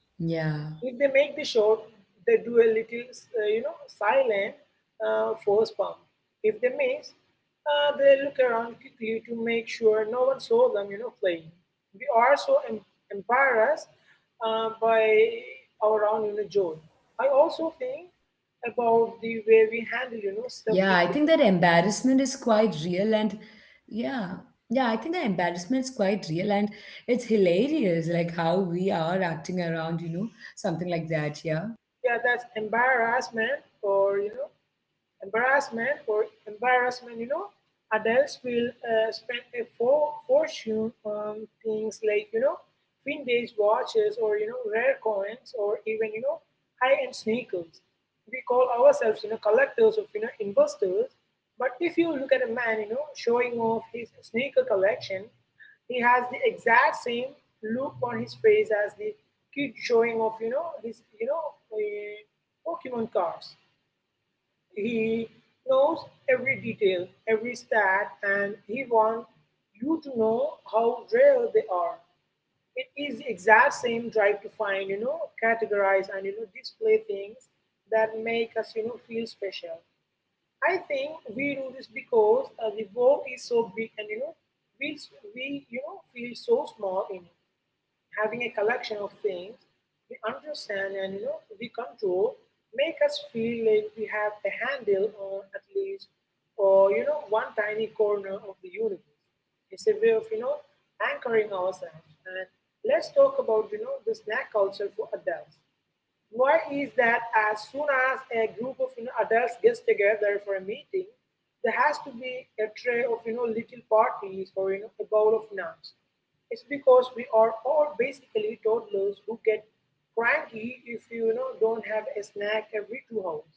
[SPEAKER 1] Yeah.
[SPEAKER 2] If they make the shot, they do a little, silent force pump. If they miss, they look around quickly to make sure no one saw them, you know, playing. We are so embarrassed by our own, you know, joy. I also think
[SPEAKER 1] Yeah, I think that
[SPEAKER 2] about the way
[SPEAKER 1] embarrassment
[SPEAKER 2] we
[SPEAKER 1] is
[SPEAKER 2] handle, you
[SPEAKER 1] quite
[SPEAKER 2] know, stuff
[SPEAKER 1] real.
[SPEAKER 2] we do.
[SPEAKER 1] And yeah, yeah, I think the embarrassment is quite real, and it's hilarious like how we are acting around, you know, something like that. Yeah.
[SPEAKER 2] Yeah, that's embarrassment or, you know, embarrassment or embarrassment, you know, adults will spend a fortune on things like, you know, vintage watches or, you know, rare coins or even, you know, high-end sneakers. We call ourselves, you know, collectors of, you know, investors. But if you look at a man, you know, showing off his sneaker collection, he has the exact same look on his face as the kid showing off, you know, his, you know, uh, Pokemon cards. He knows every detail, every stat, and he wants you to know how rare they are. It is the exact same drive to find, you know, categorize and display things that make us, you know, feel special. I think we do this because the world is so big, and we we feel so small in it, having a collection of things we understand and we control make us feel like we have a handle on at least or one tiny corner of the universe. It's a way of anchoring ourselves. And let's talk about the snack culture for adults. Why is that as soon as a group of adults gets together for a meeting, there has to be a tray of little parties or a bowl of nuts? It's because we are all basically toddlers who get cranky if don't have a snack every 2 hours.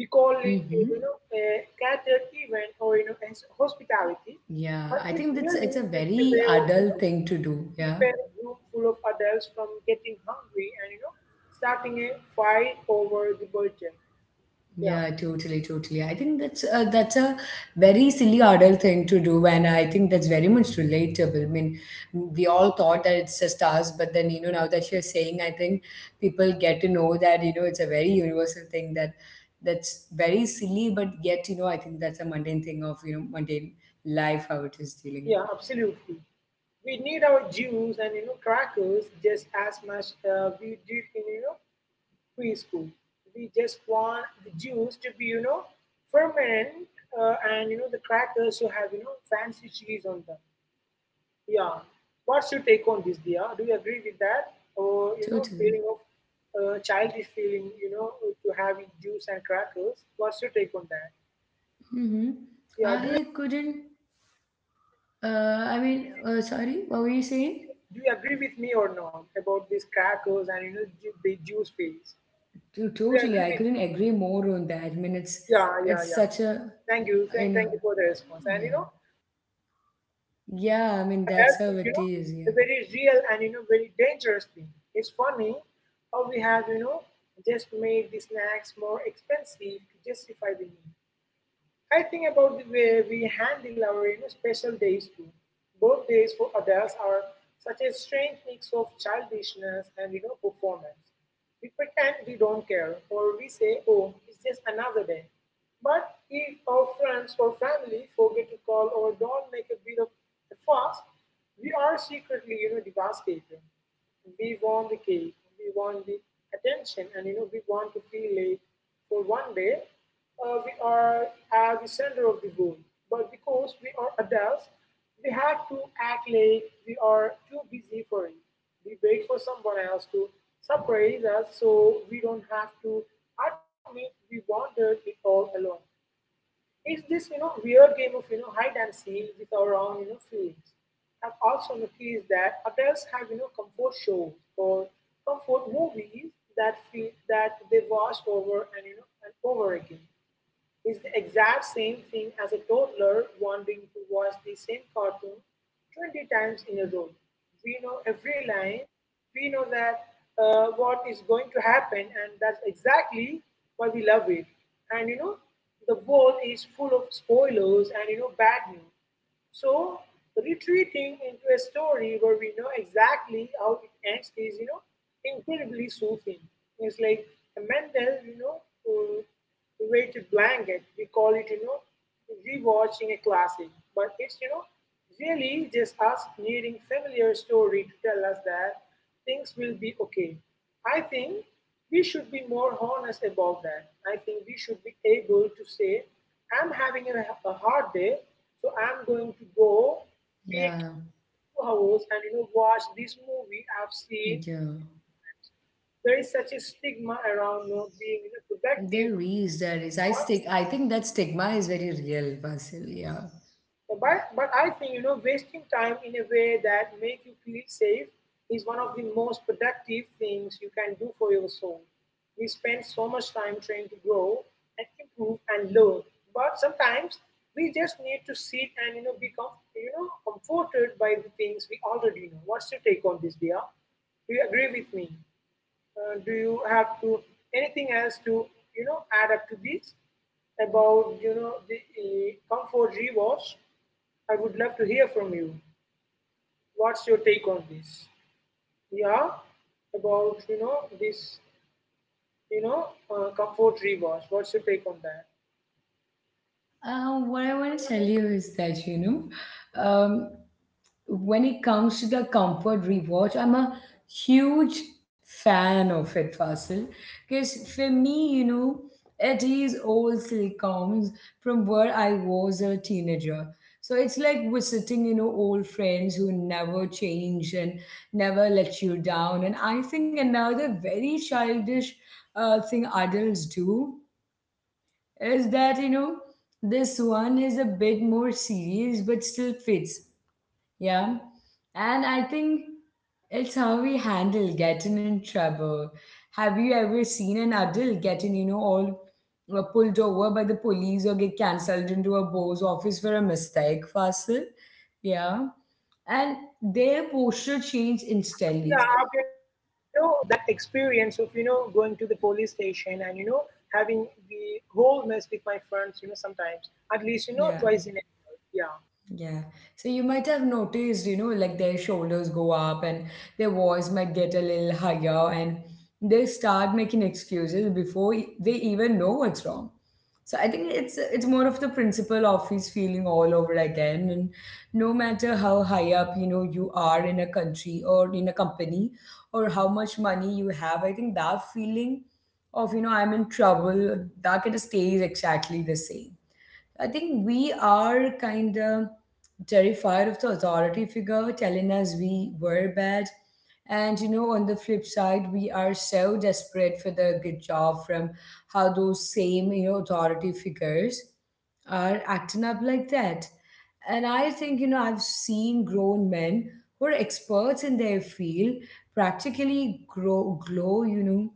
[SPEAKER 2] We call it a,
[SPEAKER 1] Mm-hmm.
[SPEAKER 2] you know a catered event or as hospitality,
[SPEAKER 1] Yeah,
[SPEAKER 2] but
[SPEAKER 1] I
[SPEAKER 2] it's
[SPEAKER 1] think that's it's
[SPEAKER 2] really
[SPEAKER 1] a
[SPEAKER 2] just a
[SPEAKER 1] very
[SPEAKER 2] way of
[SPEAKER 1] adult thing to do.
[SPEAKER 2] keep
[SPEAKER 1] Yeah.
[SPEAKER 2] a room full of adults from getting hungry and starting a fight over the budget. Yeah,
[SPEAKER 1] Yeah, totally, totally. I think that's a very silly adult thing to do, and I think that's very much relatable. I mean, we all thought that it's just us, but then, you know, now that you're saying, I think people get to know that, you know, it's a very universal thing that that's very silly, but yet, you know, I think that's a mundane thing of, you know, mundane life how it is dealing.
[SPEAKER 2] yeah, absolutely, we need our juice and crackers just as much we did in preschool. We just want the juice to be permanent and the crackers to have fancy cheese on them. Yeah. What's your take on this, Dia? Do you agree with that? Or, you know,
[SPEAKER 1] Totally.
[SPEAKER 2] feeling of childish feeling, you know, to having juice and crackers. What's your take on that?
[SPEAKER 1] Mm-hmm.
[SPEAKER 2] Yeah. Do you
[SPEAKER 1] I couldn't. Sorry, what were you saying?
[SPEAKER 2] do you agree with me or not about these crackers and the juice phase? Do you
[SPEAKER 1] Totally,
[SPEAKER 2] agree
[SPEAKER 1] I
[SPEAKER 2] with?
[SPEAKER 1] couldn't agree more on that. I mean,
[SPEAKER 2] Yeah, yeah,
[SPEAKER 1] it's
[SPEAKER 2] yeah.
[SPEAKER 1] such a
[SPEAKER 2] Thank you.
[SPEAKER 1] you
[SPEAKER 2] Thank,
[SPEAKER 1] know,
[SPEAKER 2] thank you for the response. And
[SPEAKER 1] yeah, yeah. I mean,
[SPEAKER 2] that
[SPEAKER 1] that's how
[SPEAKER 2] is, you
[SPEAKER 1] it
[SPEAKER 2] know,
[SPEAKER 1] is.
[SPEAKER 2] a
[SPEAKER 1] Yeah,
[SPEAKER 2] very real and very dangerous thing. It's funny how we have just made the snacks more expensive to justify the need. I think about the way we handle our special days too. Birthdays for adults are such a strange mix of childishness and performance. We pretend we don't care, or we say, "Oh, it's just another day." But if our friends or family forget to call or don't make a bit of a fuss, we are secretly devastated. We want the cake, we want the attention, and we want to feel like for one day we are at the center of the world. But because we are adults, we have to act like we are too busy for it. We wait for someone else to surprise us, so we don't have to admit we wanted it all along. It's this weird game of hide and seek with our own feelings. I've also noticed that adults have comfort shows or comfort movies that feel that they watch over and you know and over again is the exact same thing as a toddler wanting to watch the same cartoon 20 times in a row. We know every line, we know that what is going to happen, and that's exactly why we love it. And the world is full of spoilers and bad news. So retreating into a story where we know exactly how it ends is, you know, incredibly soothing. It's like a mental, you know, uh, weighted blanket. We call it, you know, rewatching a classic, but it's, you know, really just us needing familiar story to tell us that things will be okay. I think we should be more honest about that. I think we should be able to say, I'm having a hard day, so I'm going to go take
[SPEAKER 1] yeah,
[SPEAKER 2] 2 hours and watch this movie I've seen.
[SPEAKER 1] yeah.
[SPEAKER 2] There is such a stigma around not being productive
[SPEAKER 1] There is, there is. I
[SPEAKER 2] for
[SPEAKER 1] stick. I think that stigma is very real, Basil. Yeah.
[SPEAKER 2] But but I think wasting time in a way that make you feel safe is one of the most productive things you can do for your soul. We spend so much time trying to grow and improve and learn, but sometimes we just need to sit and become comforted by the things we already know. What's your take on this, dear? Do you agree with me? Do you have to anything else to add up to this about the comfort rewards? I would love to hear from you. What's your take on this? Yeah, about this comfort rewatch. What's your take on that?
[SPEAKER 1] What I want to tell you is that, you know, when it comes to the comfort rewatch, I'm a huge fan of it, Fasil. Because for me, you know, it is all still comes from where I was a teenager. So it's like visiting, you know, old friends who never change and never let you down. And I think another very childish thing adults do is that, you know, this one is a bit more serious but still fits. Yeah. And I think it's how we handle getting in trouble. Have you ever seen an adult getting, you know, all pulled over by the police or get cancelled into a boss office for a mistake faster? Yeah. And their posture changed instantly.
[SPEAKER 2] Yeah, you know that experience of going to the police station and having the whole mess with my friends. Sometimes at least twice
[SPEAKER 1] Yeah.
[SPEAKER 2] in a, yeah,
[SPEAKER 1] Yeah. So you might have noticed, you know, like their shoulders go up and their voice might get a little higher and they start making excuses before they even know what's wrong. So I think it's more of the principle of his feeling all over again. And no matter how high up, you know, you are in a country or in a company or how much money you have, I think that feeling of, you know, I'm in trouble, that kind of stays exactly the same. I think we are kind of terrified of the authority figure telling us we were bad. And you know, on the flip side, we are so desperate for the good job from how those same, you know, authority figures are acting up like that. And I think, you know, I've seen grown men who are experts in their field practically grow glow, you know,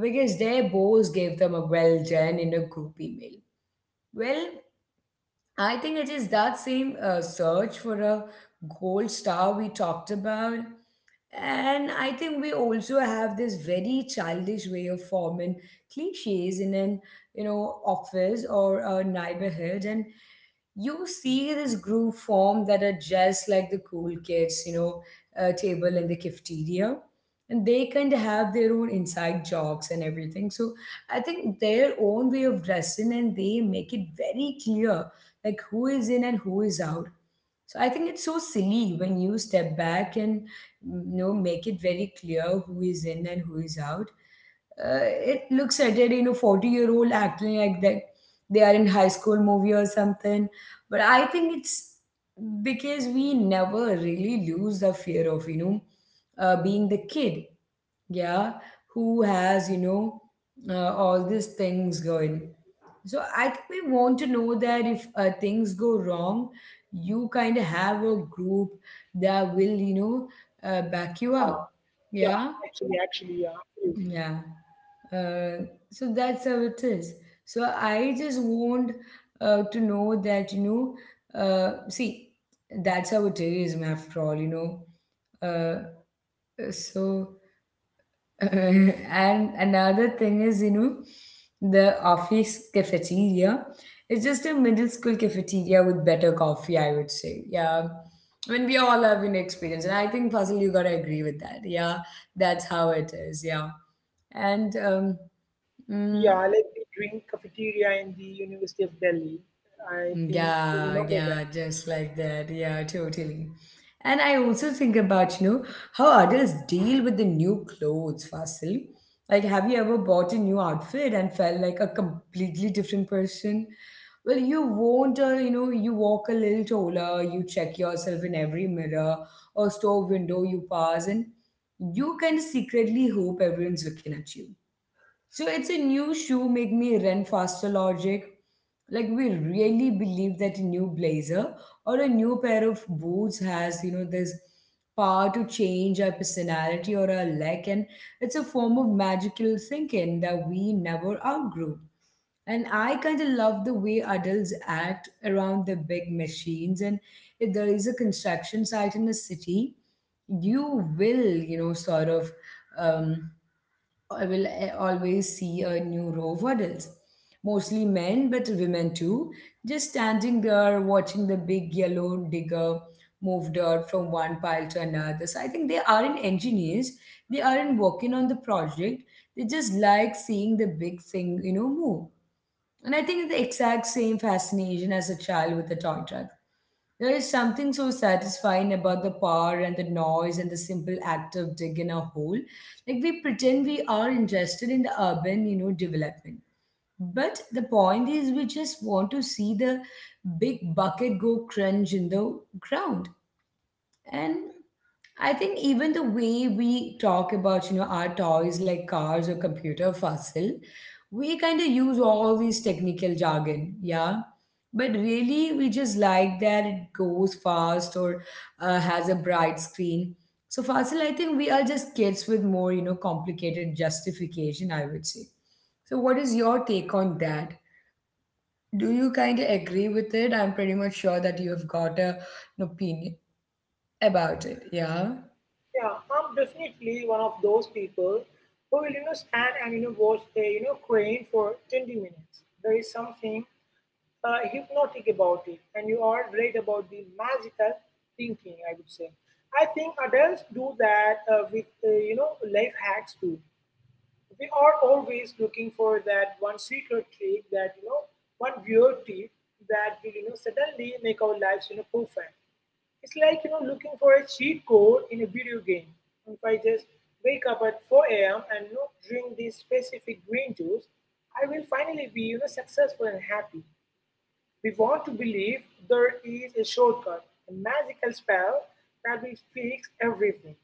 [SPEAKER 1] because their boss gave them a well done in a group email. Well, I think it is that same search for a gold star we talked about. And I think we also have this very childish way of forming cliches in an, you know, office or a neighborhood. And you see this group form that are just like the cool kids, you know, table in the cafeteria. And they kind of have their own inside jokes and everything. So I think their own way of dressing and they make it very clear like who is in and who is out. So I think it's so silly when you step back and make it very clear who is in and who is out. Uh, it looks at it, 40-year-old year old acting like that they are in high school movie or something. But I think it's because we never really lose the fear of, being the kid, yeah, who has, all these things going. So I think we want to know that if things go wrong, you kind of have a group that will,
[SPEAKER 2] yeah,
[SPEAKER 1] back you up.
[SPEAKER 2] yeah, actually
[SPEAKER 1] Yeah,
[SPEAKER 2] actually yeah, absolutely.
[SPEAKER 1] yeah. Uh, so that's how it is. So I just want to know that see, that's how it is. After all. Uh, so and another thing is, the office cafeteria. It's just a middle school cafeteria with better coffee, I would say. Yeah. I mean, we all have an experience. And I think, Fazil, you got to agree with that. Yeah. That's how it is. Yeah. And mm,
[SPEAKER 2] Yeah, like the drink cafeteria in the University of Delhi. I think you
[SPEAKER 1] yeah,
[SPEAKER 2] remember.
[SPEAKER 1] yeah, just like that. Yeah, totally. And I also think about, how adults deal with the new clothes, Fasil. Like, have you ever bought a new outfit and felt like a completely different person? Well, you won't, you walk a little taller, you check yourself in every mirror or store window you pass, and you kind of secretly hope everyone's looking at you. So it's a new shoe make me run faster logic. Like we really believe that a new blazer or a new pair of boots has, this power to change our personality or our luck, and it's a form of magical thinking that we never outgrew. And I kind of love the way adults act around the big machines. And if there is a construction site in a city, you will, sort of um, I will always see a new row of adults, mostly men, but women too, just standing there watching the big yellow digger move dirt from one pile to another. So I think they aren't engineers, they aren't working on the project, they just like seeing the big thing, move. And I think it's the exact same fascination as a child with a toy truck. There is something so satisfying about the power and the noise and the simple act of digging a hole. Like we pretend we are interested in the urban, development. But the point is we just want to see the big bucket go crunch in the ground. And I think even the way we talk about, our toys like cars or computer fossil, we kind of use all these technical jargon, yeah. But really, we just like that it goes fast or has a bright screen. So fossil, I think we are just kids with more, complicated justification, I would say. So, what is your take on that? Do you kind of agree with it? I'm pretty much sure that you have got an opinion about it. Yeah.
[SPEAKER 2] Yeah, I'm definitely one of those people who will, you know, stand and, you know, watch a, you know, crane for 20 minutes. There is something hypnotic about it. And you are right about the magical thinking, I would say. I think adults do that with, life hacks too. We are always looking for that one secret trick, that, you know, one weird tip that will, you know, suddenly make our lives, you know, perfect. It's like looking for a cheat code in a video game. If I just wake up at 4 a.m. and not drink this specific green juice, I will finally be successful and happy. We want to believe there is a shortcut, a magical spell that will fix everything.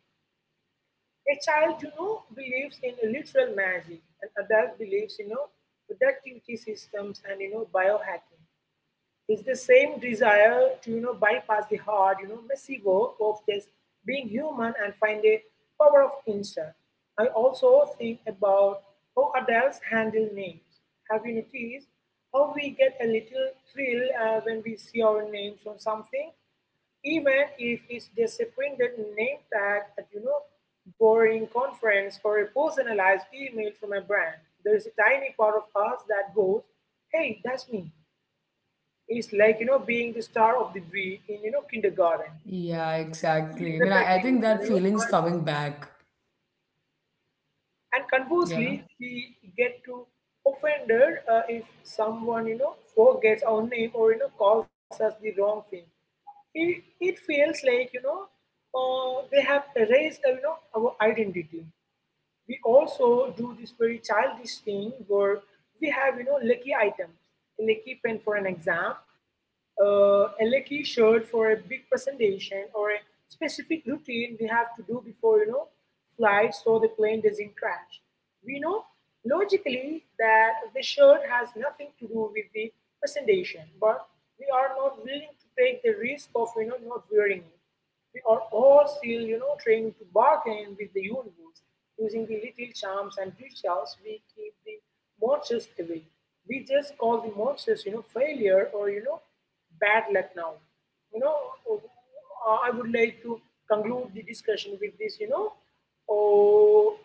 [SPEAKER 2] A child, you know, believes in literal magic. An adult believes, you know, productivity systems and biohacking. It's the same desire to bypass the hard, you know, messy work of just being human and find a power of instinct. I also think about how adults handle names. Have you noticed how we get a little thrill when we see our names on something, even if it's just a printed name tag at boring conference or a personalized email from a brand? There is a tiny part of us that goes, "Hey, that's me." It's like being the star of the week in kindergarten.
[SPEAKER 1] Yeah,
[SPEAKER 2] He is
[SPEAKER 1] exactly. I mean, I think
[SPEAKER 2] recognized,
[SPEAKER 1] that feeling's
[SPEAKER 2] and,
[SPEAKER 1] coming back.
[SPEAKER 2] and
[SPEAKER 1] Yeah.
[SPEAKER 2] conversely, we get to offended if someone forgets our name or calls us the wrong thing. It feels like they have erased our identity. We also do this very childish thing where we have lucky items, a lucky pen for an exam, a lucky shirt for a big presentation or a specific routine we have to do before flight so the plane doesn't crash. We know logically that the shirt has nothing to do with the presentation, but we are not willing to take the risk of not wearing it. We are all still, you know, trying to bargain with the universe using the little charms and rituals we keep the monsters away. We just call the monsters, you know, failure or bad luck now. You know, I would like to conclude the discussion with this, you know, oh,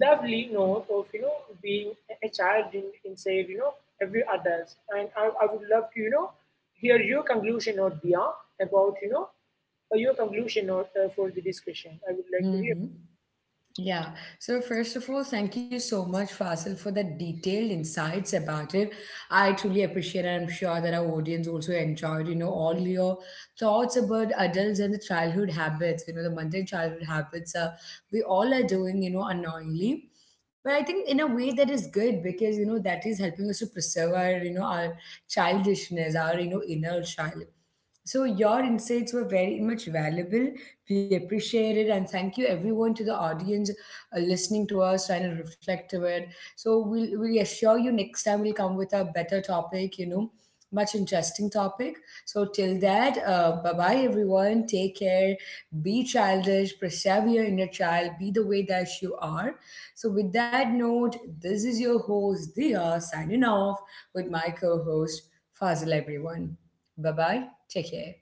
[SPEAKER 2] lovely note of being a child inside every adult. And I would love to hear your conclusion or Dia about your conclusion or for the discussion I would like to hear.
[SPEAKER 1] Mm-hmm. Yeah. So, first of all, thank you so much, Fasil, for the detailed insights about it. I truly appreciate it. I'm sure that our audience also enjoyed, all your thoughts about adults and the childhood habits, the mundane childhood habits we all are doing, unknowingly. But I think in a way that is good because, that is helping us to preserve our childishness, inner child. So your insights were very much valuable. We appreciate it, and thank you everyone to the audience listening to us trying to reflect to it. So we assure you next time we'll come with a better topic, much interesting topic. So till that, bye-bye everyone. Take care. Be childish. Preserve your inner child. Be the way that you are. So with that note, this is your host, Dia, signing off with my co-host, Fazil, everyone. Bye-bye. Take care.